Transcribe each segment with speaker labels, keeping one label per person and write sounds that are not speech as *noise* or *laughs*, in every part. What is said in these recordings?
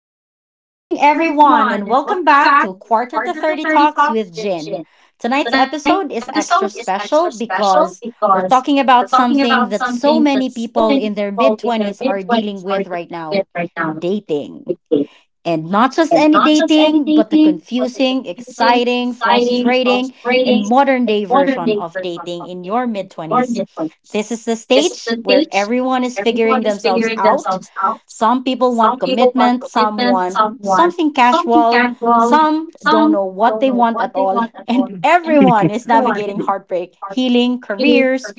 Speaker 1: Good evening, everyone, and welcome back to Quarter to 30 Talks with Jin. Tonight's episode is extra special because we're talking about something that so many people in their mid 20s are dealing with right now: dating. And not just any dating, but the confusing, exciting, frustrating, and modern day version of dating in your mid 20s. This is the stage where everyone is figuring themselves out. Some people want commitment, some want something casual, some don't know what they want at all, *laughs* and everyone is navigating heartbreak, healing, careers,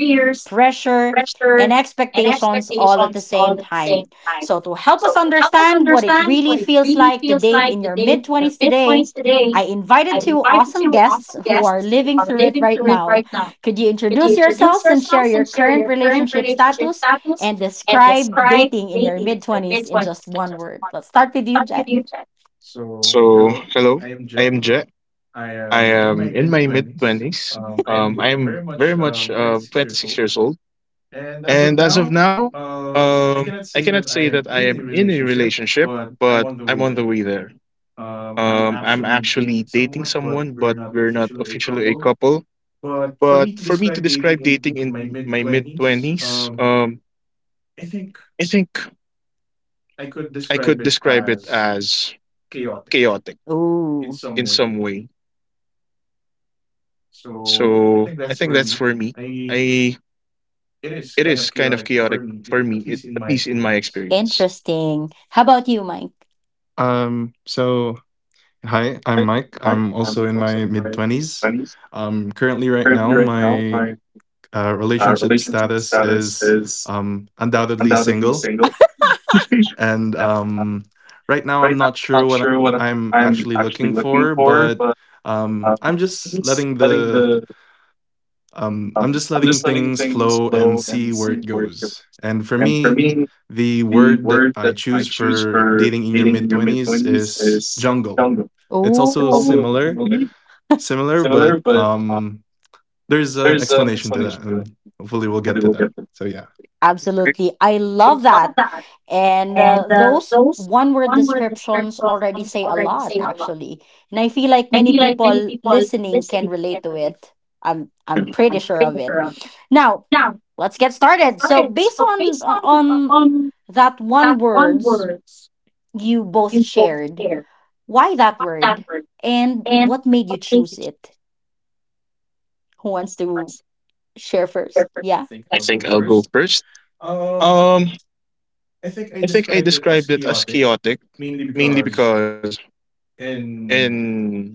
Speaker 1: pressure, and expectations all at the same time. So, to help us understand what it really feels like to date in your mid 20s today, I invited two awesome guests who are living through it right now. Could you introduce yourselves and share your current relationship status and describe dating in your mid 20s in just one word? Let's start with you, Jack.
Speaker 2: So, hello, I am Jet. I am in my mid 20s. I am very much 26 years old. And as of now, I cannot say that I am in a relationship, but I'm on the way there. I'm actually dating someone, but we're not officially a couple. But for me to describe dating in my mid 20s, I think I could describe it as chaotic
Speaker 1: Ooh,
Speaker 2: in some way. So, I think that's for me. I It is kind of chaotic for me, at least in my experience.
Speaker 1: interesting. How about you, Mike?
Speaker 3: So hi, I'm Mike. I'm also in my mid 20s. Currently, right now, my relationship status is undoubtedly single. And right now, I'm not sure what I'm actually looking for, but I'm just letting the I'm just letting things flow and see where it goes. And for me, the word that I choose for dating in your mid 20s is jungle. Also
Speaker 2: I'll
Speaker 1: Ooh.
Speaker 2: go-
Speaker 3: similar
Speaker 2: I'll go-
Speaker 3: similar, but there's an explanation to that, and hopefully we'll get to that. So yeah.
Speaker 1: Absolutely. I love that. And those one word descriptions already say a lot, actually. And I feel like many people listening can relate to it. I'm pretty sure of it. Now, let's get started. So, based on on that one words you both shared, why that word and what made you choose it? Who wants to share first? Yeah.
Speaker 2: I think I'll go first. Um, I think I described it as chaotic mainly because in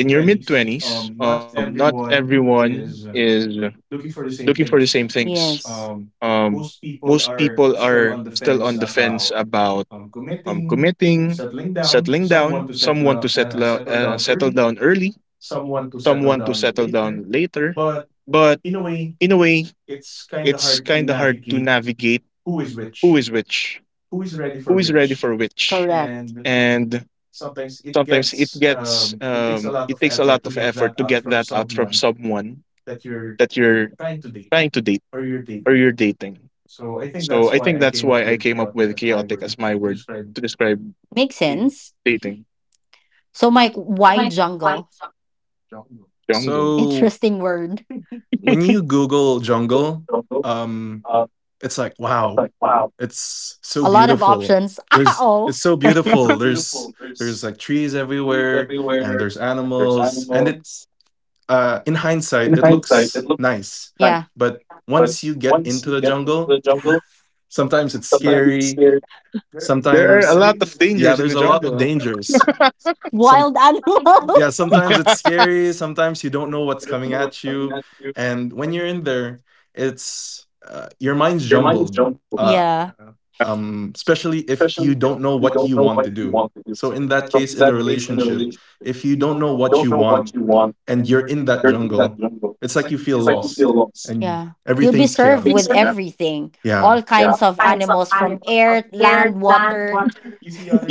Speaker 2: in your mid twenties, not everyone is looking for the same things.
Speaker 1: Yes.
Speaker 2: Um, Most people are still on the fence about committing, settling down. Some want to settle down early. Some want to settle down later. But in a way, it's kind of hard to navigate who is which, who is ready for which,
Speaker 1: Correct.
Speaker 2: and sometimes it takes a lot of effort to get that out from someone that you're trying to date or you're dating. So I think that's why I came up with chaotic as my word to describe
Speaker 1: Makes sense.
Speaker 2: dating
Speaker 1: So, Mike, why jungle?
Speaker 2: jungle.
Speaker 3: So
Speaker 1: Interesting word.
Speaker 3: when you Google jungle, um, it's like wow, it's so
Speaker 1: A lot of
Speaker 3: beautiful.
Speaker 1: options. *laughs*
Speaker 3: There's
Speaker 1: Oh,
Speaker 3: It's so beautiful. There's like trees everywhere, and there's animals, and it in hindsight it looks nice,
Speaker 1: yeah.
Speaker 3: but once you get into the jungle, sometimes it's scary.
Speaker 2: There
Speaker 3: Sometimes
Speaker 2: are a lot of
Speaker 3: Yeah,
Speaker 2: dangers
Speaker 3: there's a
Speaker 2: in the
Speaker 3: lot of
Speaker 2: jungle.
Speaker 3: dangers some
Speaker 1: Wild
Speaker 3: yeah,
Speaker 1: animals.
Speaker 3: sometimes it's scary. Sometimes you don't know what's coming at you, and when you're in there, it's your mind's jumbled.
Speaker 1: *laughs*
Speaker 3: Uh,
Speaker 1: yeah,
Speaker 3: Especially if you don't know what you want to do. So in that case, in a relationship, if you don't know what you want and you're in that jungle, it's like you feel lost and
Speaker 1: yeah. You'll be
Speaker 3: everything's
Speaker 1: served
Speaker 3: chaotic.
Speaker 1: with everything,
Speaker 3: Yeah,
Speaker 1: all kinds of animals from air, land, water.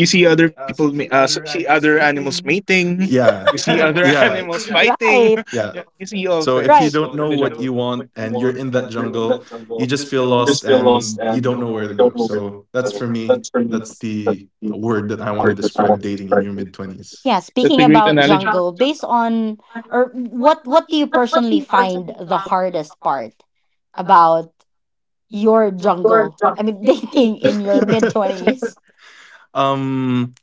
Speaker 2: You see other see other animals mating.
Speaker 3: yeah,
Speaker 2: You see
Speaker 3: *laughs*
Speaker 2: other
Speaker 1: *laughs*
Speaker 2: *laughs*
Speaker 3: yeah,
Speaker 2: animals fighting.
Speaker 1: Right,
Speaker 3: yeah.
Speaker 2: You see all
Speaker 3: So if you
Speaker 1: right.
Speaker 2: things
Speaker 3: don't
Speaker 2: in
Speaker 3: know
Speaker 2: the
Speaker 3: what you
Speaker 2: jungle.
Speaker 3: want and you're in that jungle, you just feel lost and you don't know where to go. So that's for me, that's the word that I want to describe dating in your mid 20s.
Speaker 1: Yeah,
Speaker 2: That's
Speaker 1: speaking
Speaker 2: a great
Speaker 1: about
Speaker 2: analogy.
Speaker 1: jungle, based on or what do you personally find the hardest part about your jungle? I mean, *laughs* dating in your mid
Speaker 3: *laughs*
Speaker 1: 20s.
Speaker 3: um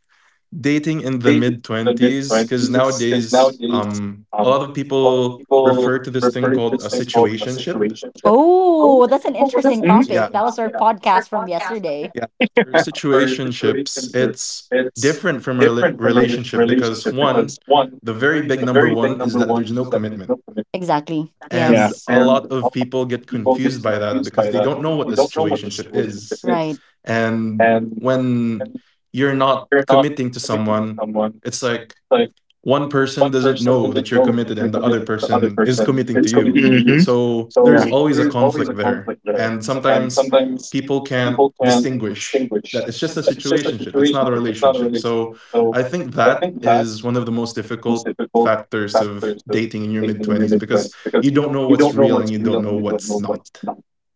Speaker 3: Dating in the mid 20s cuz nowadays a lot of people refer to this thing called a situationship.
Speaker 1: Oh, that's an interesting
Speaker 3: Yeah.
Speaker 2: Mhm.
Speaker 1: topic. That was our podcast from yesterday.
Speaker 3: Yeah. For situationships, it's different from a relationship because one, the very big number one is that there's no commitment.
Speaker 1: Exactly.
Speaker 2: Yeah.
Speaker 3: And
Speaker 1: Yes.
Speaker 3: a lot of people get confused by that because they don't know what a situationship is.
Speaker 1: Right.
Speaker 3: And when you're not committing to someone, it's like one person doesn't know that you're committed and the other person is committing to you. So there's
Speaker 2: Yeah.
Speaker 3: always a conflict there. And sometimes people can't distinguish that it's just a situationship, it's not a relationship. So I think that is one of the most difficult factors of dating in your mid 20s because you don't know what's real and you don't know what's not.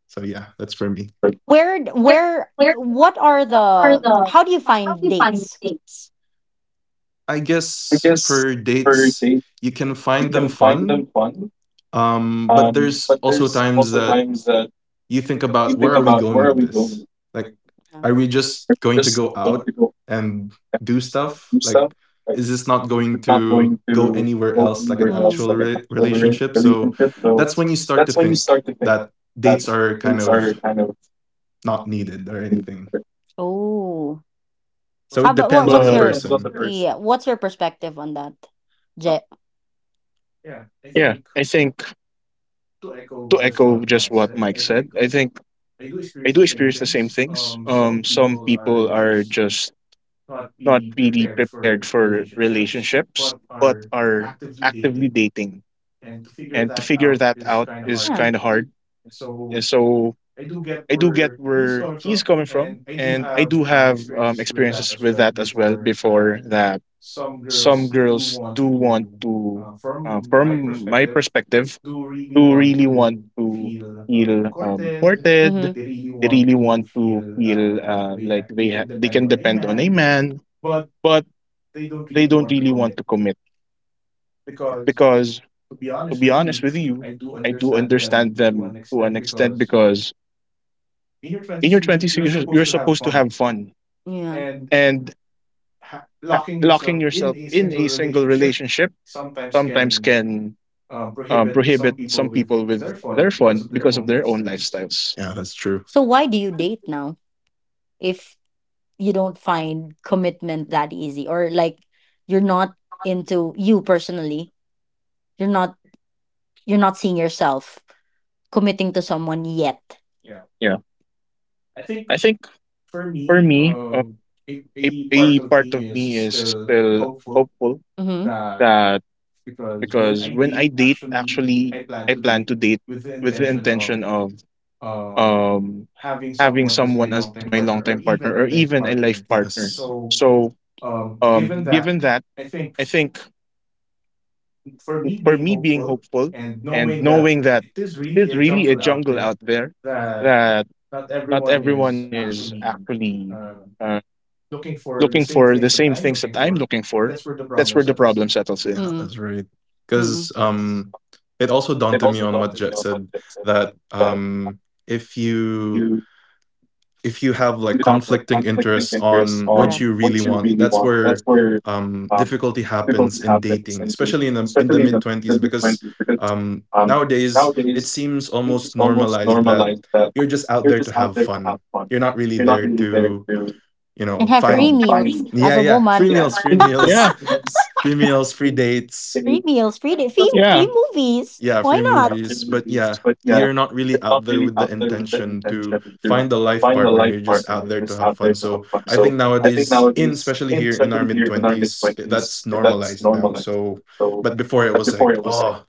Speaker 3: So yeah, that's for me.
Speaker 1: What are the, how do you find dates?
Speaker 3: I guess for dates, you can find them fun. But there's also times that you think about where are we going with this? Like, are
Speaker 1: Yeah.
Speaker 3: we just going to go out and do stuff? Like, is this not going to go anywhere else, like an
Speaker 1: Mm.
Speaker 3: actual relationship? So that's when you start to think that dates are kind of not needed or anything.
Speaker 1: Oh, how
Speaker 3: So it
Speaker 1: about what?
Speaker 3: depends
Speaker 1: What's
Speaker 3: on the
Speaker 1: your
Speaker 2: But
Speaker 3: person.
Speaker 1: yeah? What's your perspective on that, Jet?
Speaker 3: Uh,
Speaker 2: Yeah, I think to echo just what Mike said, I think I do experience the same things. Some people are just not really prepared for relationships, but are actively dating, and to figure that out is
Speaker 1: Yeah.
Speaker 2: kind of hard. And so I do get where he's coming from, and I do have experiences with that as well before that some girls from my perspective, do really want to feel courted.
Speaker 1: Mm-hmm.
Speaker 2: They really want to feel like they can depend on a man, but they don't really want to commit because, to be honest with you, I do understand them to an extent because in your twenties you're supposed to have fun
Speaker 1: Yeah.
Speaker 2: and locking yourself in a single relationship sometimes can prohibit some people with their fun because of their own lifestyles.
Speaker 3: yeah, that's
Speaker 1: So
Speaker 3: true.
Speaker 1: why do you date now if you don't find commitment that easy, or like you're not into— you personally, you're not— you're not seeing yourself committing to someone yet.
Speaker 2: Yeah, I think for me, a part of me is still hopeful
Speaker 1: Mhm.
Speaker 2: that because when I date, actually, I plan to date with the intention of um, having someone as my longtime partner or even a life partner.
Speaker 3: Yes.
Speaker 2: So, given that, I think for me being hopeful and knowing that it is really a jungle out there that not everyone is actually uh, looking for the same things that I'm looking for. That's where the problem settles
Speaker 3: Yeah,
Speaker 2: in.
Speaker 1: Mm.
Speaker 3: that's right. Because
Speaker 1: Mm.
Speaker 3: it also dawned to me on what Jet said that if you, if you have like conflicting interests on what
Speaker 1: Correct.
Speaker 3: you really want, that's where difficulty happens in dating, especially in the mid twenties, because nowadays it seems almost normalized that you're just out there to have fun. You're not really there to, you
Speaker 1: And
Speaker 3: know,
Speaker 1: have free
Speaker 3: find
Speaker 1: meals as
Speaker 3: yeah
Speaker 1: a
Speaker 3: yeah free
Speaker 1: woman.
Speaker 3: meals,
Speaker 2: Yeah,
Speaker 3: free dates.
Speaker 1: Free meals,
Speaker 2: yeah,
Speaker 1: free movies.
Speaker 3: Yeah,
Speaker 1: Why
Speaker 3: free
Speaker 1: not?
Speaker 3: movies. But
Speaker 1: Yeah.
Speaker 3: yeah, you're not really out there with the intention to find a life partner. You're just out there to have fun. So I think nowadays, in especially here in our mid twenties, that's normalized now. So, but before it was like, oh,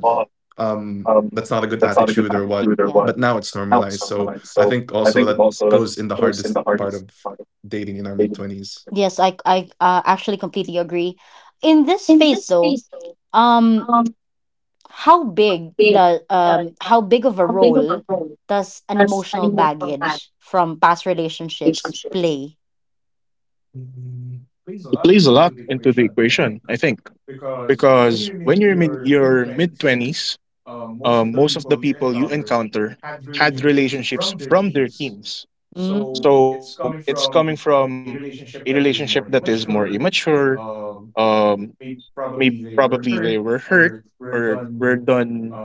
Speaker 3: that's not a good attitude or what.
Speaker 1: Yeah.
Speaker 3: But now it's normalized. So I think also that goes in the hardest part of dating in our mid twenties.
Speaker 1: Yes, I actually completely agree. In this phase though, um how big the how big of a role does an emotional baggage from past relationships play?
Speaker 2: it plays a lot into the equation, I think, because when you're in your mid twenties, most of the people you encounter had relationships from their teens.
Speaker 1: Mhm.
Speaker 2: So it's coming from a relationship that is more immature. Um, Maybe probably they were hurt or were done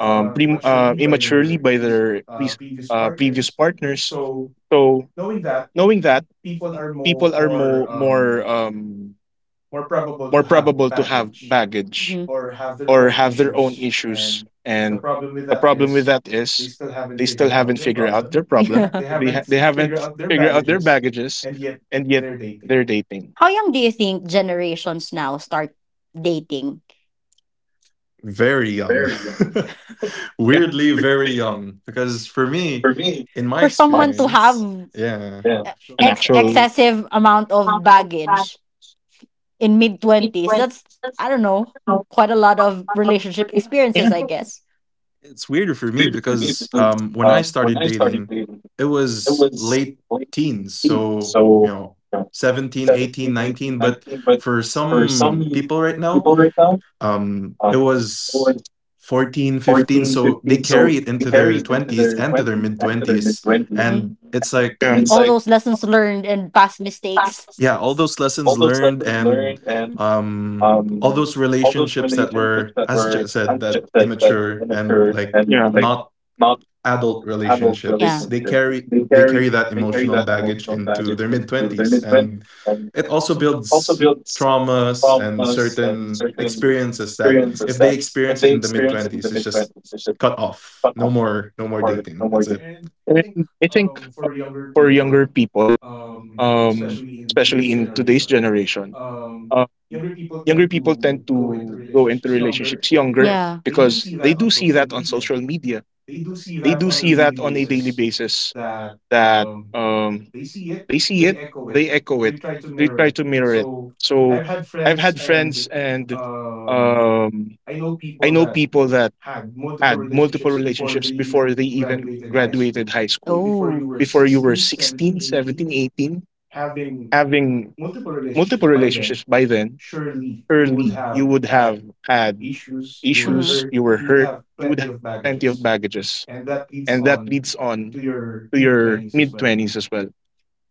Speaker 2: um, pre- uh, immaturely by their previous partners. So knowing that, people are more probable to have baggage
Speaker 1: *laughs*
Speaker 2: or have their own issues. And the problem with that is they still haven't figured out their problem.
Speaker 1: Yeah.
Speaker 2: They haven't figured out their baggages, and yet they're dating.
Speaker 1: How young do you think generations now start dating?
Speaker 3: Very young. *laughs*
Speaker 2: Yeah,
Speaker 3: Weirdly, very young. Because for me, in my
Speaker 1: For someone to
Speaker 3: experience,
Speaker 1: have
Speaker 3: yeah.
Speaker 2: an actual
Speaker 1: excessive amount of baggage in mid 20s, that's— I don't know, quite a lot of relationship experiences,
Speaker 2: yeah.
Speaker 1: I guess.
Speaker 3: It's weirder for me because when I started dating, it was late teens. So, you know, 17, 18, 19. But for some people right now, it was 14, 15. So they carry it into their 20s and to their mid 20s.
Speaker 1: Yeah. Mm.
Speaker 3: And it's like,
Speaker 2: Yeah.
Speaker 1: All those lessons learned and past mistakes.
Speaker 3: yeah, all those lessons learned and um, all those relationships that were, as Jet said, that immature and like
Speaker 2: Yeah.
Speaker 3: not adult
Speaker 1: Adult relationships. Yeah.
Speaker 3: relationships, they carry that emotional baggage into their mid 20s, and it also builds traumas and certain experiences that if they experience it in the mid 20s, it's just cut off. No more, no more dating, that's it.
Speaker 2: And I think for younger people, especially in today's generation, um, younger people tend to go into relationships younger
Speaker 1: Yeah.
Speaker 2: because they do see that on social media. They do see that on a daily basis that they see it, they echo it, they try to mirror it. So I've had friends and um, I know people that had multiple relationships before they even graduated high school.
Speaker 1: Oh. Oh.
Speaker 2: Before you were 16, 17, 18, having multiple relationships by then, early, you would have had issues,
Speaker 1: Mhm.
Speaker 2: you were hurt, you would have plenty of baggages. And that leads on to your mid 20s as well.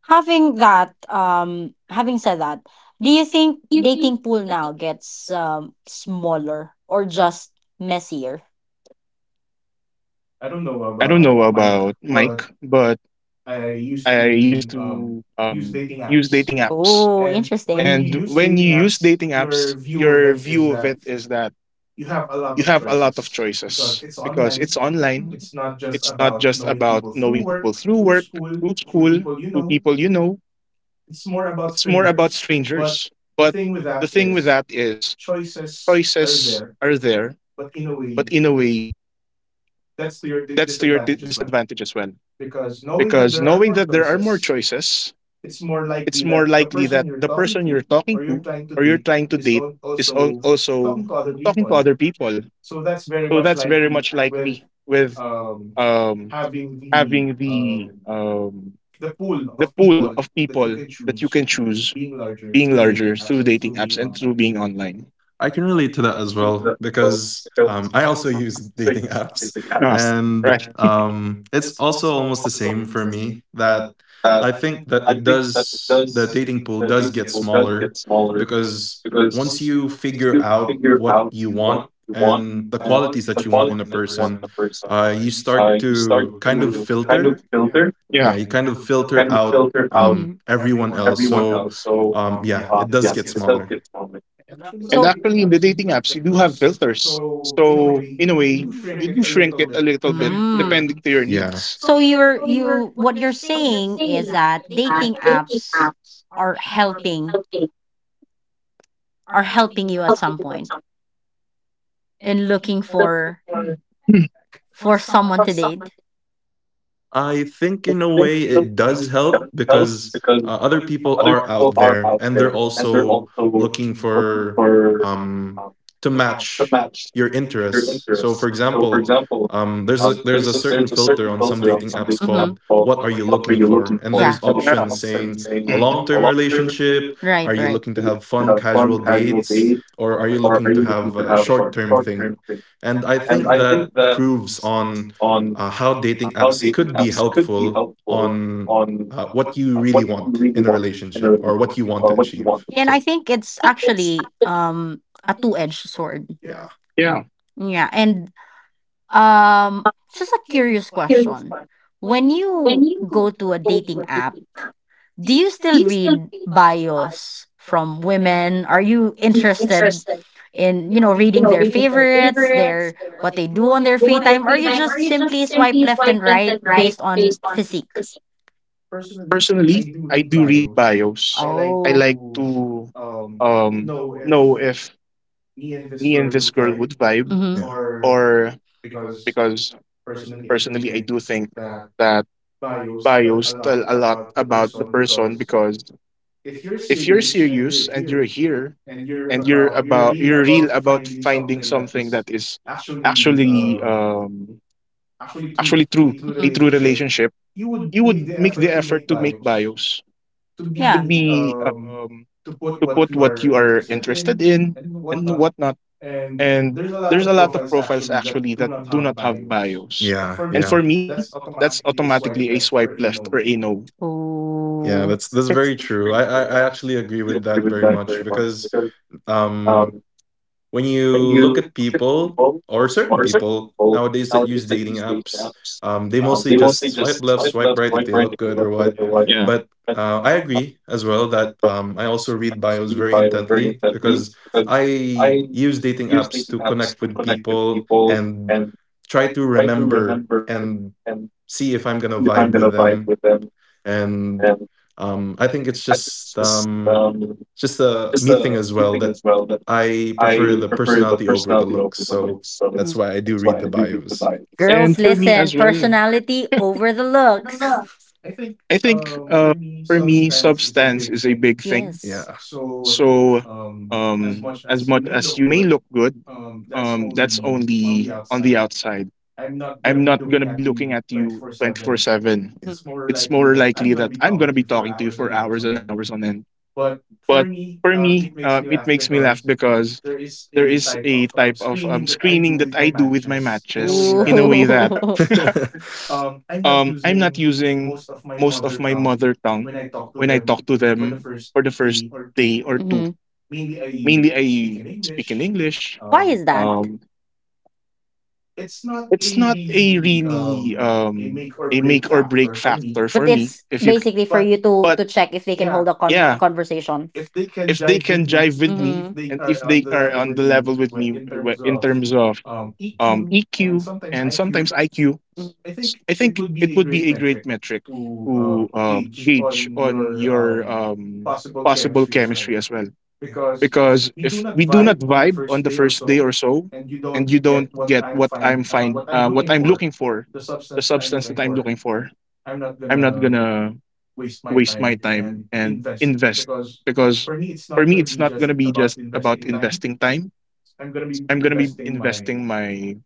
Speaker 1: Having that, having said that, do you think dating pool now gets smaller or just messier?
Speaker 2: I don't know about Mike, but I used to use dating apps.
Speaker 1: Oh, interesting.
Speaker 2: And when you use dating apps, your view of it is that you have a lot of choices because it's online. It's not just about knowing people through work, through school, people you know. It's more about strangers. But the thing with that is choices are there, but in a way, that's to your disadvantage as well. Because knowing that there are more choices, it's more likely that the person you're talking to or you're trying to date is also talking to other people. So that's very much likely with um, having the pool of people that you can choose being larger through dating apps and through being online.
Speaker 3: I can relate to that as well because I also use dating *laughs* apps,
Speaker 2: Ah,
Speaker 3: and
Speaker 2: right. *laughs*
Speaker 3: it's also almost the same for me. That I think that it does the dating pool does get smaller because once you figure out what you want and the qualities that you want in a person, you start to kind of filter. Yeah,
Speaker 2: Yeah.
Speaker 3: you kind of filter out
Speaker 1: Mm-hmm.
Speaker 3: everyone else. So yeah, it does get smaller.
Speaker 2: And
Speaker 1: So,
Speaker 2: actually, in the dating apps, you do have filters. So, in a way, you do shrink it a
Speaker 1: depend.
Speaker 2: little bit depending
Speaker 1: Mm.
Speaker 2: to your
Speaker 3: Yeah.
Speaker 2: needs.
Speaker 1: So you're— you, what you're saying is that dating apps are helping— are helping you at some point in looking for—
Speaker 2: Hmm.
Speaker 1: for someone to date.
Speaker 3: I think in a way it does help because other people are out there and they're also looking for um to match your interests. So for example, there's a certain filter on some dating apps
Speaker 1: Mm-hmm.
Speaker 3: called what are you
Speaker 2: What are
Speaker 3: looking
Speaker 2: you
Speaker 3: for?
Speaker 2: looking?
Speaker 3: And
Speaker 1: Yeah.
Speaker 3: there's options saying a long-term relationship, are
Speaker 1: Right,
Speaker 3: you
Speaker 1: right.
Speaker 3: looking to have fun casual dates, or are you looking to have a short-term thing? And I think that proves on how dating apps could be helpful on what you really want in a relationship or what you want to achieve.
Speaker 1: And I think it's actually a two-edged sword.
Speaker 3: Yeah.
Speaker 2: Yeah.
Speaker 1: Yeah, and just a curious question. When you go to a dating app, do you still read bios from women? Are you interested in, you know, reading their favorites, their— what they do on their free time, or you just simply swipe left and right based on physique?
Speaker 2: Personally, I do read bios. I
Speaker 1: Oh.
Speaker 2: like to um, know if me and this girl would vibe,
Speaker 1: Mhm.
Speaker 3: Yeah.
Speaker 2: or because personally, I do think that bios tell a lot about the person. Because if you're serious and you're here and you're real about finding something that is actually um, actually true, a true
Speaker 1: Mhm.
Speaker 2: relationship, you would make the effort to make bios to
Speaker 1: Yeah. Be—
Speaker 2: be to put what you are interested in and whatnot. And there's a lot of profiles actually that do not have bios.
Speaker 3: Yeah,
Speaker 2: And
Speaker 3: yeah,
Speaker 2: for me, that's automatically a swipe left or a no.
Speaker 3: yeah.
Speaker 1: Oh.
Speaker 3: That's very true. I actually agree with that very much because um when you look at people or certain people nowadays that use dating apps, they mostly
Speaker 2: They most
Speaker 3: just swipe left,
Speaker 2: swipe
Speaker 3: swipe right if they look good or
Speaker 2: left
Speaker 3: what.
Speaker 2: or what? Yeah.
Speaker 3: But I agree as well that I also read bios very intently because I use dating apps to connect with people and try to remember and see if I'm gonna vibe with them, and I think it's just a me thing as well that I prefer the personality over the looks. So that's why I do read the bios.
Speaker 2: And
Speaker 1: Girls,
Speaker 2: for,
Speaker 1: listen: personality over the looks.
Speaker 2: I think for me, substance is a big
Speaker 3: Yes.
Speaker 2: thing.
Speaker 1: Yes.
Speaker 3: Yeah.
Speaker 2: So as much as you may look good, that's only on the outside. I'm not going to be looking at you 24/7.
Speaker 1: Mhm. More
Speaker 2: It's
Speaker 1: likely
Speaker 2: more
Speaker 1: that I'm
Speaker 2: likely that I'm going to be
Speaker 1: talking for
Speaker 2: talking to you
Speaker 1: hours
Speaker 2: for
Speaker 1: and
Speaker 2: hours
Speaker 1: hours on
Speaker 2: and
Speaker 1: end.
Speaker 2: hours on end. But for me, it makes me laugh because there is a type of screening that I do with my matches in a way that
Speaker 1: Ooh. *laughs*
Speaker 2: *laughs*
Speaker 3: *laughs*
Speaker 2: I'm not using most of my mother tongue when I talk to them for the first day or two.
Speaker 1: Mhm.
Speaker 2: Mainly, I can English.
Speaker 1: Why is that?
Speaker 2: Um, it's not a really a make or break factor
Speaker 1: But
Speaker 2: for me.
Speaker 1: it's basically for you
Speaker 2: But
Speaker 1: to check if they can hold a
Speaker 2: yeah,
Speaker 1: conversation.
Speaker 2: if they can jive with me,
Speaker 1: Mhm.
Speaker 2: if they are on the level with me in terms of EQ and sometimes IQ,
Speaker 1: Mhm.
Speaker 2: I think it would be a great metric to gauge on your possible chemistry as well. Because if we do not vibe on the first day or so, and you don't get what I'm looking for, the substance that I'm looking for, I'm not gonna waste my time and invest because for me it's not gonna be just about investing time. I'm gonna be investing my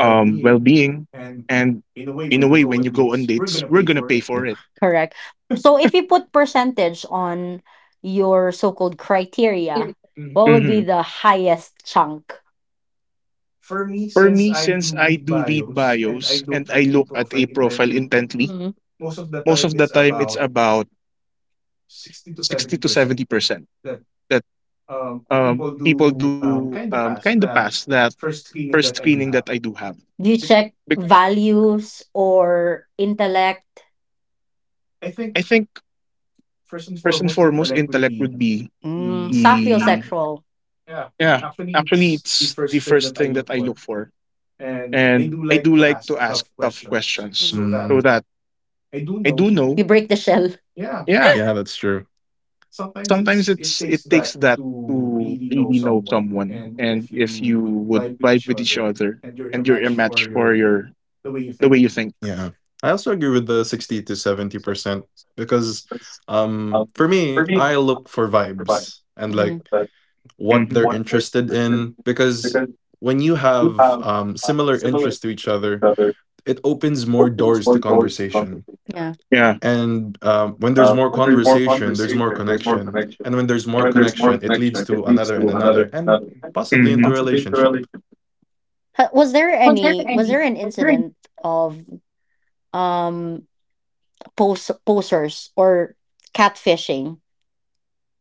Speaker 2: well-being and, in a way, when you go on dates we're gonna pay
Speaker 3: Yeah.
Speaker 2: for it.
Speaker 1: Correct. So if you put percentage on your so-called criteria, what would be
Speaker 2: hmm
Speaker 1: the highest chunk?
Speaker 2: for me, since I do read bios and I look at a profile intently, most of the time it's about 60 to 70% that people do kind of pass that first screening that I do have.
Speaker 1: Do you
Speaker 3: Yeah.
Speaker 1: check
Speaker 2: Bec-
Speaker 1: values or intellect?
Speaker 2: I think first and foremost intellect would be
Speaker 1: Mm,
Speaker 2: the
Speaker 1: sapiosexual.
Speaker 2: yeah, actually, it's the first thing that I look for, and I do like to ask tough questions
Speaker 1: Mm.
Speaker 2: so
Speaker 3: Mm,
Speaker 2: that I do know.
Speaker 1: You break the shell.
Speaker 2: Yeah,
Speaker 3: yeah, that's true.
Speaker 2: sometimes it takes that to really know someone and if you would vibe with each other and you're a match for your the way you think.
Speaker 3: Yeah. I also agree with the 60 to 70% because for me, I look for vibes
Speaker 1: Like—
Speaker 3: and like
Speaker 1: mm,
Speaker 3: what
Speaker 2: Mhm.
Speaker 3: they're interested in because when you have similar interests to each other, it opens more doors to conversation,
Speaker 1: yeah.
Speaker 2: Yeah.
Speaker 3: and when there's more conversation there's more connection, and when there's more connection it leads to another and another and possibly
Speaker 2: Mhm.
Speaker 3: into a relationship.
Speaker 1: Was there any? Was there an incident of um posers or catfishing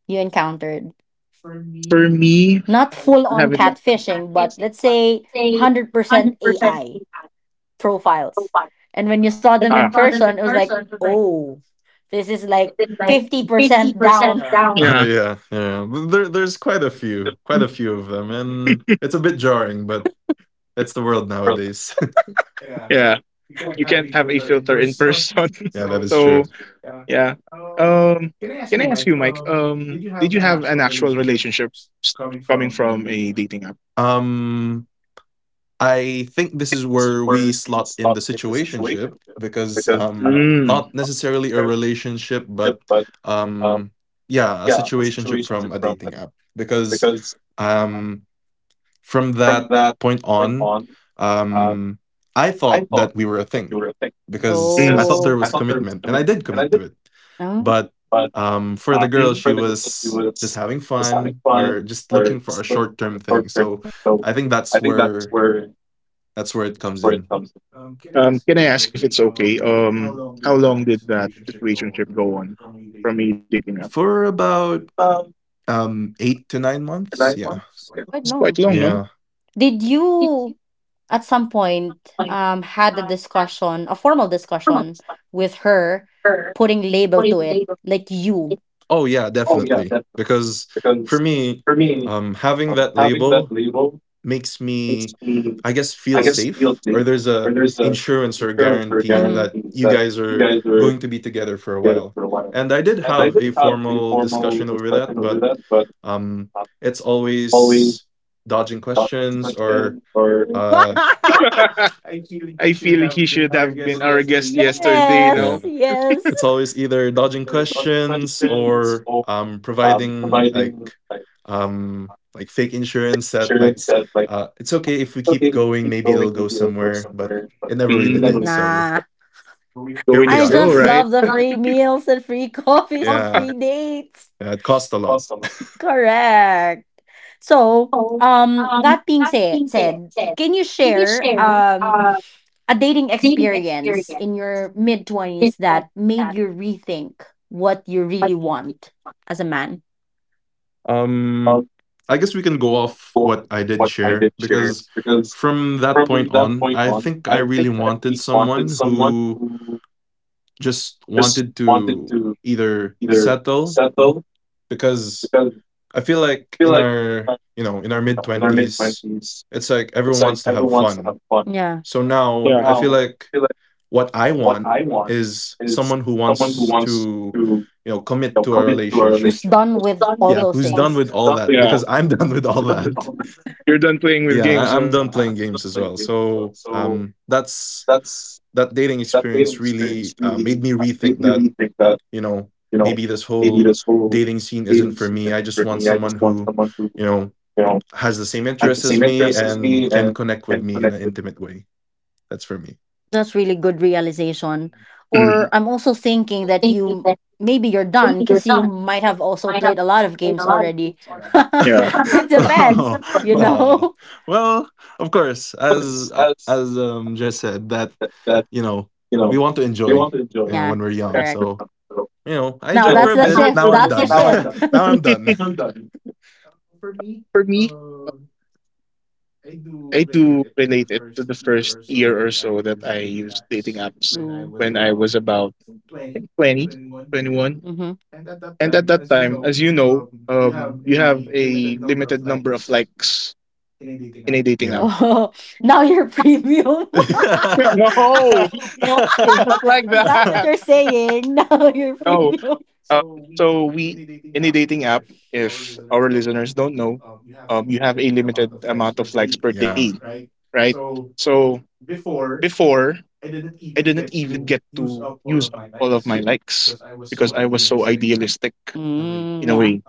Speaker 1: you encountered?
Speaker 2: For me,
Speaker 1: Not full
Speaker 2: I
Speaker 1: on
Speaker 2: have
Speaker 1: catfishing, but let's say 100% AI profiles. And when you saw them
Speaker 2: ah,
Speaker 1: in person, it was like, oh, this is like 50% down. *laughs*
Speaker 3: *laughs*
Speaker 2: yeah,
Speaker 3: Yeah, there's quite a few, quite a few of them and it's a bit jarring, but that's the world nowadays. *laughs*
Speaker 2: yeah, you can't have a filter in person.
Speaker 3: Yeah, that
Speaker 2: *laughs*
Speaker 3: is
Speaker 2: So,
Speaker 3: true.
Speaker 2: yeah. Um can I ask you, Mike, did you have an actual relationship s- coming from a dating app?
Speaker 3: um I think this is where we slot in the situationship because
Speaker 2: Because mm.
Speaker 3: not necessarily a relationship but um yeah, a situationship from a dating app because um from that point on, um I thought that we were a thing
Speaker 1: Yes.
Speaker 3: because I thought
Speaker 1: Oh.
Speaker 3: there was commitment and
Speaker 1: And
Speaker 3: I
Speaker 1: I
Speaker 3: did
Speaker 1: did go.
Speaker 3: commit to it.
Speaker 1: Oh,
Speaker 3: But for the
Speaker 2: Mm.
Speaker 3: girl she was just having fun or just looking for a short-term thing. So I think that's where, that's where it comes in.
Speaker 2: Can I ask if it's okay? How long did that situationship go on from a dating app?
Speaker 3: For about 8 to 9 months, yeah.
Speaker 1: quite
Speaker 2: It's quite
Speaker 1: long.
Speaker 2: long, no?
Speaker 3: Yeah.
Speaker 1: Did you at some point had a discussion, a formal discussion with her, putting label to it, like you?
Speaker 3: Oh yeah, definitely. Because for me, having that label makes me, I guess, feel safe, or there's a insurance or
Speaker 1: Answer guaranteed.
Speaker 3: guarantee
Speaker 1: Mhm.
Speaker 3: that you guys are going to be together for a while. And I did have a formal discussion over that, but um it's always dodging questions or uh
Speaker 1: That—
Speaker 2: *laughs* I feel he should have been our guest
Speaker 1: *laughs*
Speaker 2: yesterday,
Speaker 1: yes,
Speaker 2: no?
Speaker 1: yes.
Speaker 3: it's always either dodging questions or
Speaker 1: I'm writing.
Speaker 3: providing like fake insurance that like it's okay if we keep going, maybe it'll go somewhere, but
Speaker 1: I
Speaker 3: it never
Speaker 1: never
Speaker 3: really
Speaker 1: really did.
Speaker 3: did.
Speaker 2: Mm.
Speaker 3: So
Speaker 1: Nah.
Speaker 2: Go
Speaker 3: here
Speaker 2: with the
Speaker 3: we
Speaker 1: I
Speaker 3: are.
Speaker 2: flow,
Speaker 1: just
Speaker 2: right?
Speaker 1: love the free meals and free *laughs*
Speaker 3: *laughs*
Speaker 1: coffees and
Speaker 3: Yeah.
Speaker 1: free
Speaker 3: Yeah,
Speaker 1: dates.
Speaker 3: it cost a lot.
Speaker 1: Correct. So, that being said, can you share a dating experience in your mid twenties that made you rethink what you really want as a man?
Speaker 3: Um, I guess we can go off what I did share because from that point on, I think I really wanted someone who just wanted to either settle because I feel like in our, you know, in our mid 20s, it's like everyone wants to have fun.
Speaker 1: Yeah,
Speaker 3: So now I
Speaker 2: Yeah.
Speaker 3: feel like what I want is someone who wants to, you know, commit to a relationship.
Speaker 1: who's done with all
Speaker 3: Yeah,
Speaker 1: those
Speaker 3: who's done
Speaker 1: things.
Speaker 3: with all that
Speaker 2: Yeah.
Speaker 3: because I'm *laughs* done with all that.
Speaker 2: You're done playing with
Speaker 3: Yeah,
Speaker 2: games, no?
Speaker 3: I'm done
Speaker 2: Yeah,
Speaker 3: playing games as
Speaker 2: I'm
Speaker 3: well.
Speaker 2: games,
Speaker 3: So
Speaker 2: so.
Speaker 3: that's, that dating experience really made me rethink that, you know, maybe this whole dating scene isn't for me. I just want someone who, you know, has the same interests as me and can connect with me in an intimate way. That's for me.
Speaker 1: That's really good realization. Or I'm also thinking that you— maybe you're done because you might have also played a lot of games already.
Speaker 3: *laughs*
Speaker 1: *laughs*
Speaker 2: Yeah.
Speaker 1: It depends,
Speaker 3: No,
Speaker 1: you
Speaker 3: no.
Speaker 1: know. *laughs*
Speaker 3: Well, of course, as Jess said, that, you know, we want to enjoy, you know,
Speaker 1: Yeah,
Speaker 3: when we're young.
Speaker 1: correct.
Speaker 3: So, you know, I
Speaker 1: Now
Speaker 3: enjoyed for
Speaker 1: that's
Speaker 3: a
Speaker 1: the
Speaker 3: bit.
Speaker 1: shift.
Speaker 3: Now I'm
Speaker 1: That's the
Speaker 3: done. *laughs*
Speaker 1: shift.
Speaker 3: Now I'm done.
Speaker 2: For me, I do relate it to the first year or so that I used dating apps
Speaker 1: Mm-hmm.
Speaker 2: when I was about, I think, 20, 21.
Speaker 1: *laughs*
Speaker 2: And at that time, as you know, you have a limited number of likes in a dating app.
Speaker 3: Yeah.
Speaker 1: Oh, now you're premium.
Speaker 3: *laughs*
Speaker 2: No, *laughs* not like
Speaker 1: *laughs* Is that what you're
Speaker 2: that.
Speaker 1: saying? *laughs* Now you're
Speaker 2: No.
Speaker 1: premium.
Speaker 2: Um, so, we in a dating app, if our listeners don't know,
Speaker 3: You have a
Speaker 2: you have
Speaker 3: limited
Speaker 2: a
Speaker 3: amount
Speaker 2: limited
Speaker 3: of legs
Speaker 2: amount
Speaker 3: per
Speaker 2: of likes
Speaker 3: day.
Speaker 2: per
Speaker 3: Yeah.
Speaker 2: day, right? So before, I didn't even get to use up all of my likes because I was so idealistic
Speaker 1: Mm,
Speaker 2: in a
Speaker 1: yeah.
Speaker 2: way.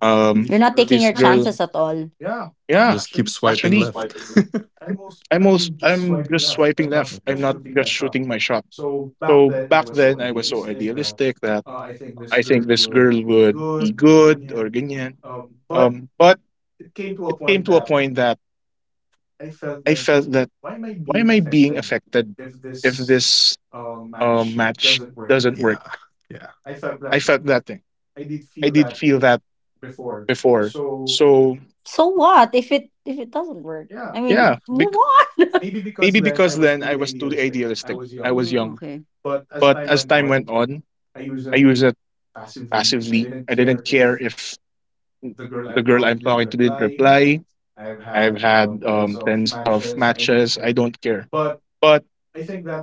Speaker 2: Um,
Speaker 1: You're not taking
Speaker 2: this
Speaker 1: your
Speaker 2: girl,
Speaker 1: chances at all.
Speaker 2: yeah,
Speaker 3: Just keep
Speaker 2: actually,
Speaker 3: swiping left. *laughs*
Speaker 2: I'm just swiping
Speaker 3: Yeah.
Speaker 2: left. I'm not just
Speaker 1: Yeah.
Speaker 2: shooting my shot. So back then I was so idealistic that I think this girl would be good or ganyan. But it came to a point that I felt that why am I being affected if this match doesn't work?
Speaker 3: Yeah. Yeah.
Speaker 2: I felt that thing. I did feel that before. So
Speaker 1: So what if— it if it doesn't work? I
Speaker 2: yeah,
Speaker 1: mean, move on.
Speaker 2: maybe because then I was too idealistic. I was
Speaker 1: Mm,
Speaker 2: young.
Speaker 1: okay.
Speaker 2: But as time went on, I used it passively. I didn't care if the girl I'm talking to didn't reply. I've had tens of matches. I don't care. But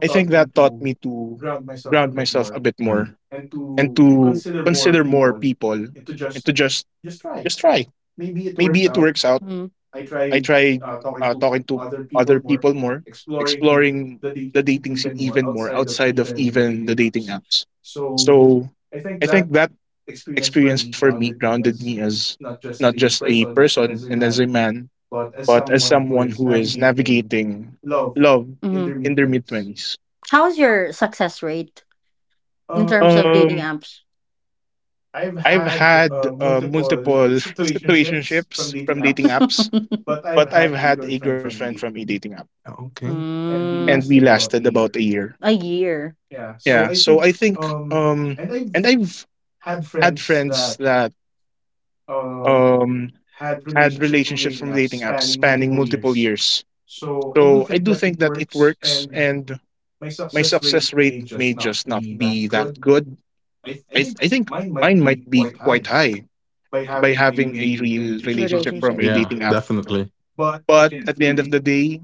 Speaker 2: I think that taught me to ground myself a bit more
Speaker 3: Mm.
Speaker 2: and to consider more people and to just try. Maybe it works out.
Speaker 1: Mm,
Speaker 2: I tried talking to other people more, exploring the dating scene even more outside of even the dating apps. So I think that experience for me grounded me as not just a person and as a man, but as someone who is navigating love in their
Speaker 1: hmm.
Speaker 2: mid 20s.
Speaker 1: How's your success rate in terms of dating
Speaker 2: Um,
Speaker 1: apps?
Speaker 2: I've had multiple situationships from dating apps,
Speaker 1: *laughs*
Speaker 2: but I've had a girlfriend from a dating app,
Speaker 3: Okay.
Speaker 2: and
Speaker 1: Mm.
Speaker 2: we lasted about a year.
Speaker 1: A year
Speaker 2: Yeah, so I think, and I've had friends that um, had relationships from dating apps spanning multiple years. So I do think that it works, and my success rate may just not be that good. I think mine might be quite high by having a real relationship from a
Speaker 1: relationship.
Speaker 3: Yeah,
Speaker 2: dating app.
Speaker 3: definitely.
Speaker 2: But at the end of the day,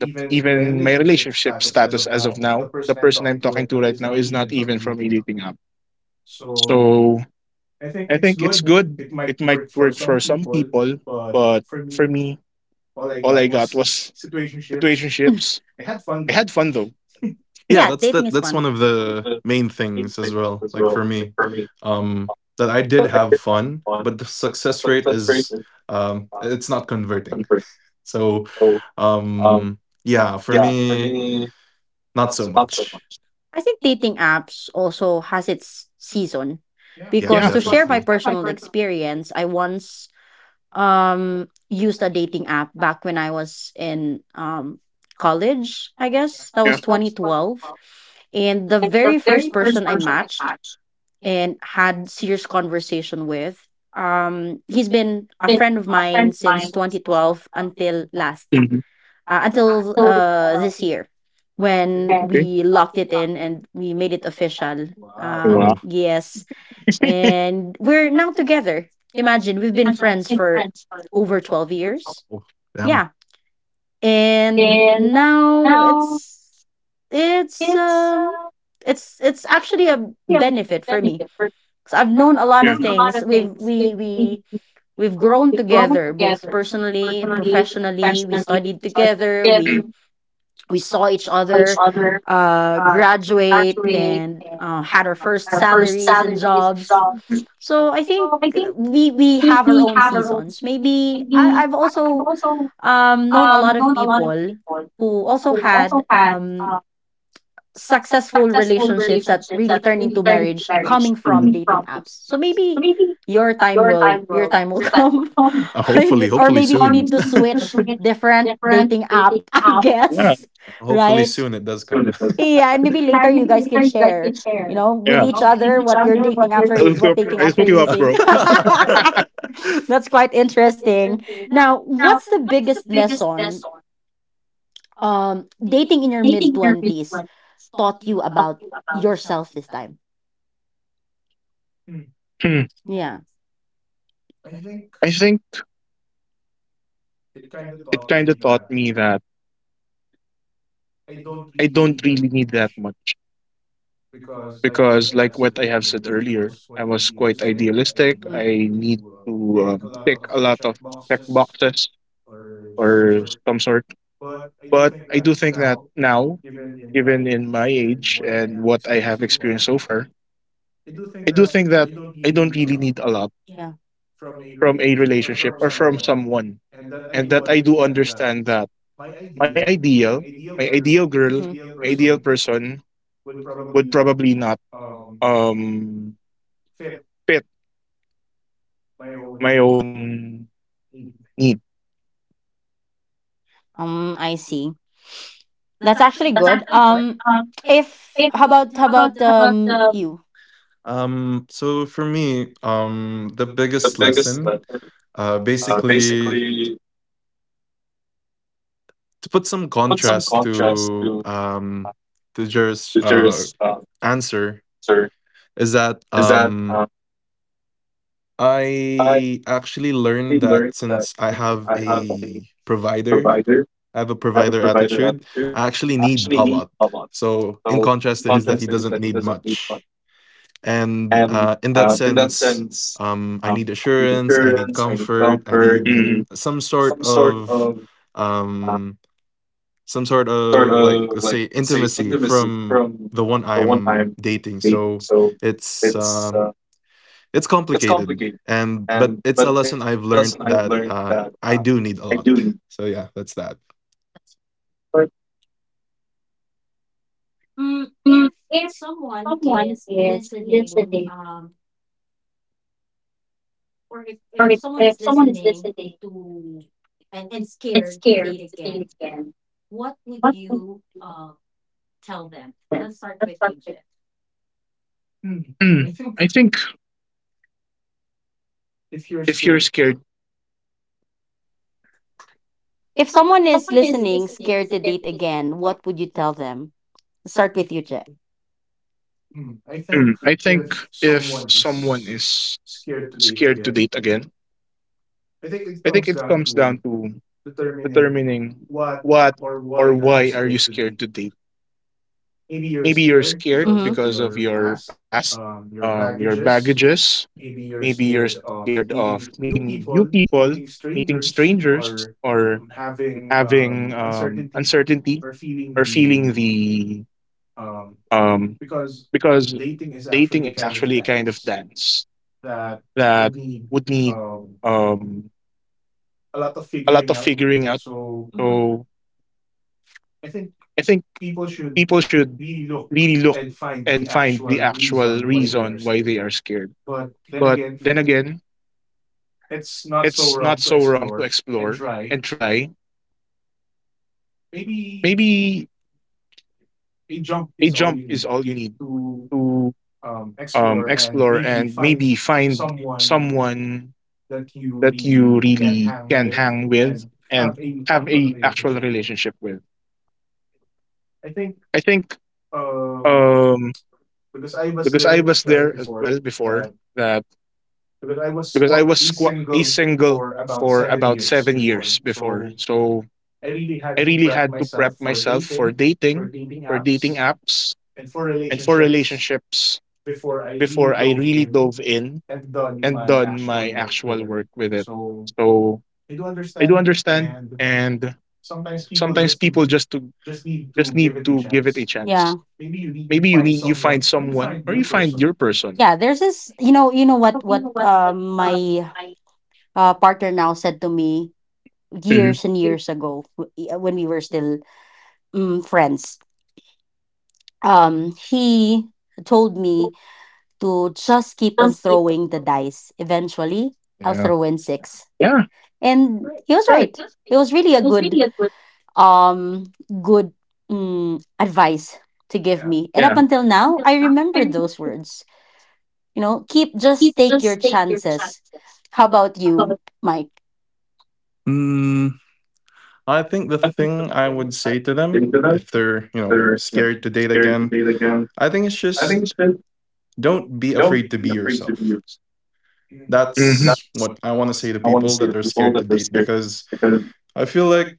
Speaker 2: even my relationship status as of now, the person I'm talking to right now is not even from a dating app. So I think it's good. It might work for some people, but for me, all I got was situationships.
Speaker 1: *laughs*
Speaker 2: I had fun though.
Speaker 3: Yeah,
Speaker 1: Yeah,
Speaker 3: that's,
Speaker 1: dating
Speaker 3: that
Speaker 1: is
Speaker 3: that's one
Speaker 1: fun.
Speaker 3: of the main things as well, like for me. Um that I did have fun, but the success rate is it's not converting. So, um yeah, for me not so much.
Speaker 1: I think dating apps also has its season,
Speaker 3: Yeah,
Speaker 1: because
Speaker 2: Yeah.
Speaker 1: to share my
Speaker 3: definitely.
Speaker 1: personal experience, I once used a dating app back when I was in college, I guess. That was
Speaker 2: Yeah.
Speaker 1: 2012. And the very first person I matched and had serious conversation with, he's been a friend of mine since 2012 until last until this year when
Speaker 2: Okay.
Speaker 1: we locked it in and we made it official.
Speaker 3: Oh.
Speaker 1: Yes, and we're now together. Imagine we've been friends for over 12 years.
Speaker 3: Oh. Yeah.
Speaker 1: Yeah. And now it's um it's actually a benefit for me, cuz I've known a lot of things. We've we we've grown together both personally, professionally. We studied together. We saw each other graduate and had our first salaries and jobs, so I think we have our own seasons. Maybe I— I've also known a lot of people who also had successful relationships that really turned into marriage coming from dating apps. So maybe your time will *laughs* come, in
Speaker 3: Hopefully,
Speaker 1: this— or
Speaker 3: hopefully
Speaker 1: maybe you
Speaker 3: soon.
Speaker 1: need to
Speaker 3: *laughs*
Speaker 1: switch different dating app. *laughs* I
Speaker 2: Yeah.
Speaker 1: guess.
Speaker 3: Hopefully
Speaker 1: Right.
Speaker 3: soon it does come.
Speaker 1: Yeah, and maybe later you guys can share, you know, with
Speaker 2: Yeah.
Speaker 1: each other what you're dating
Speaker 2: I'll
Speaker 1: after—
Speaker 2: hook you
Speaker 1: what
Speaker 2: up.
Speaker 1: dating
Speaker 2: I'll
Speaker 1: after
Speaker 2: hook
Speaker 1: you're
Speaker 2: you up,
Speaker 1: using.
Speaker 2: bro.
Speaker 1: *laughs*
Speaker 3: *laughs*
Speaker 1: That's quite interesting. Now, what's the biggest lesson dating in your mid 20s taught you about yourself this time?
Speaker 2: Hmm.
Speaker 1: Yeah.
Speaker 2: I think it kind of taught me that I don't really need that much because, like what I have said earlier, I was quite idealistic.
Speaker 1: Mm,
Speaker 2: I need to tick a lot of check boxes or some sort. But I do think that now, even in my age and what I have experienced so far, I do think that I don't really need a lot
Speaker 1: yeah.
Speaker 2: from a relationship or from someone. And that I do understand that my ideal, my ideal girl, my ideal
Speaker 1: Mhm.
Speaker 2: person would probably not um, fit my own need.
Speaker 1: I see. That's actually good. If how about How about you?
Speaker 3: So for me, the biggest lesson, basically to put some contrast to Jer's answer is that I actually learned that since I have a provider, I have a provider attitude, I actually need a lot. So in contrast to his that he doesn't need much. And in that sense, I need assurance, I need comfort, I need
Speaker 2: Mm.
Speaker 3: some sort of um, some sort of, like, let's say intimacy from the one I'm dating. So it's uh, it's complicated, and but it's a lesson I've learned that I do need a lot. So yeah, that's that.
Speaker 2: Mm, I think if you're scared.
Speaker 1: If someone is listening, scared to date again, what would you tell them? Start with you, Jeff.
Speaker 2: Mm. I think if someone is scared to date again, I think it comes down to determining what or why are you scared to date. Maybe you're scared because
Speaker 1: Mm-hmm.
Speaker 2: of your past, your baggages. Maybe you're scared of meeting new people, meeting strangers, or having uncertainty or feeling the um, because dating is actually a kind of dance that would need um, a lot of figuring out. So I think people should really look and find the actual reason why they are scared. But then again, it's not so wrong to explore and try. Maybe a jump is all you need to explore and maybe find someone that you really can hang with and have a actual relationship with. I think um because I was there as well before that because I was a single for about 7 years before. So I really had to prep myself for dating apps and for relationships before I really dove in and done my actual work with it. So I do understand and sometimes people just to just need to give it a chance.
Speaker 1: Yeah.
Speaker 2: Maybe you find someone or you find your person.
Speaker 1: Yeah. There's this— you know what— my partner now said to me
Speaker 2: Mhm.
Speaker 1: years and years ago when we were still friends. He told me to just keep on throwing the dice. Eventually, I'll throw in six,
Speaker 2: Yeah,
Speaker 1: and he was
Speaker 2: right.
Speaker 1: right. It was really a good um good advice to give me, and up
Speaker 2: Yeah.
Speaker 1: until now, I remember those words. You know, keep— just take your chances. How about you, Mike?
Speaker 3: Mm, I think the thing I would say to them if they're, you know, scared to date again, I think it's just don't be afraid to be yourself.
Speaker 2: Mhm.
Speaker 3: That's what I want to say to people that are scared to date because I feel like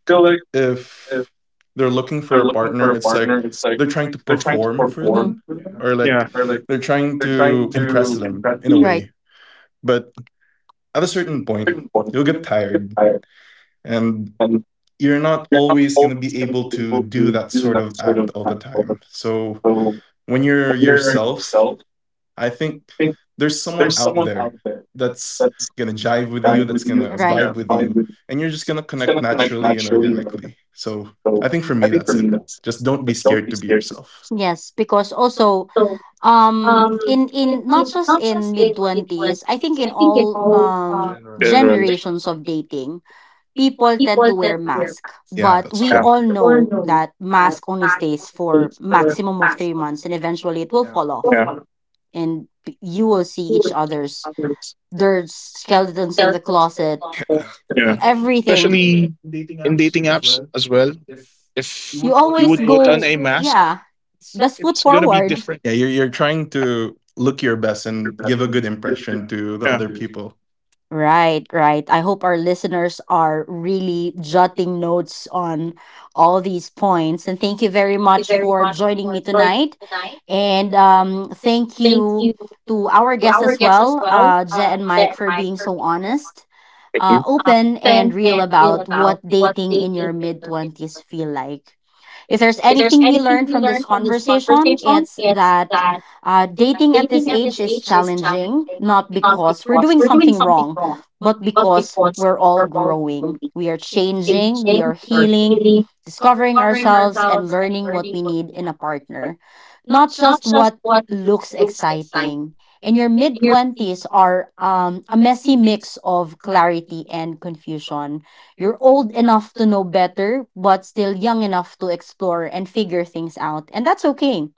Speaker 3: if they're looking for a partner, it's like they're trying to perform for
Speaker 1: Hmm.
Speaker 3: them, or like
Speaker 2: Yeah,
Speaker 3: they're trying to impress them in a
Speaker 1: Right.
Speaker 3: way. But at a certain point, you'll get tired and you're not always going to be able to do that sort of act all the time. So when you're yourself, I think there's someone out there that's gonna jive with you, that's gonna vibe
Speaker 1: Right.
Speaker 3: with you, and you're just gonna connect naturally and organically. So I think for me, that's it. Just don't be scared to be yourself.
Speaker 1: Yes, because also in not just in mid 20s, I think in all generations of dating, people tend to wear mask.
Speaker 3: Yeah,
Speaker 1: But
Speaker 3: that's
Speaker 1: we
Speaker 3: true.
Speaker 1: all know that mask only stays for maximum of 3 months and eventually it will fall off, and you will see each other's— there's skeletons in the closet.
Speaker 2: yeah.
Speaker 1: Everything.
Speaker 2: Especially in dating apps as well. If
Speaker 1: You
Speaker 2: you
Speaker 1: always
Speaker 2: would put on
Speaker 1: go,
Speaker 2: a mask,
Speaker 1: yeah, best foot
Speaker 2: it's gonna be
Speaker 1: forward.
Speaker 2: different.
Speaker 3: Yeah, you're trying to look your best and give a good impression to the
Speaker 2: Yeah,
Speaker 3: other people.
Speaker 1: Right, right. I hope our listeners are really jotting notes on all these points. And thank you very much for joining me tonight. And thank you to our guests as well, Je and Mike, for being so honest, open, and real about what dating in your mid 20s feel like. If there's anything we learned from this conversation, it's that dating at this age is challenging, not because we're doing something wrong, but because we're all growing. We are changing, we are healing, discovering ourselves, and learning what we need in a partner, not just what looks exciting. And your mid 20s are a messy mix of clarity and confusion. You're old enough to know better, but still young enough to explore and figure things out. And that's okay.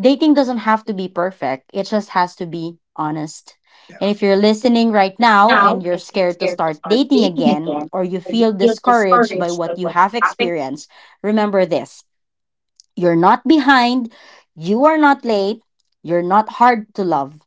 Speaker 1: Dating doesn't have to be perfect, it just has to be honest. And if you're listening right now and you're scared to start dating again, or you feel discouraged by what you have experienced, remember this: you're not behind. You are not late. You're not hard to love.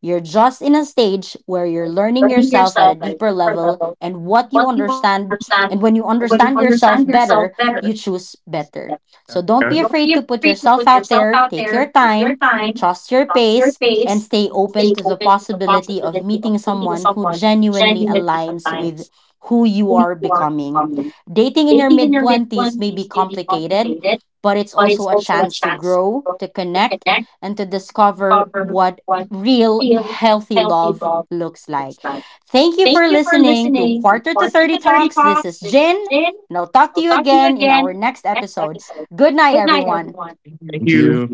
Speaker 1: You're just in a stage where you're learning yourself at a deeper level and what you understand. And when you understand yourself better, you choose better. So don't be
Speaker 2: yeah.
Speaker 1: afraid to put yourself out there. Take your time, trust your pace, and stay open to the possibility of meeting someone who genuinely aligns with who you are becoming. Dating in your mid 20s may be complicated, but it's also a chance to grow, to connect, and to discover what real healthy love looks like. Thank you for listening to Quarter to 30 Talks. This is Jin, and I'll talk to you again in our next episode. Good night, everyone.
Speaker 3: Thank you.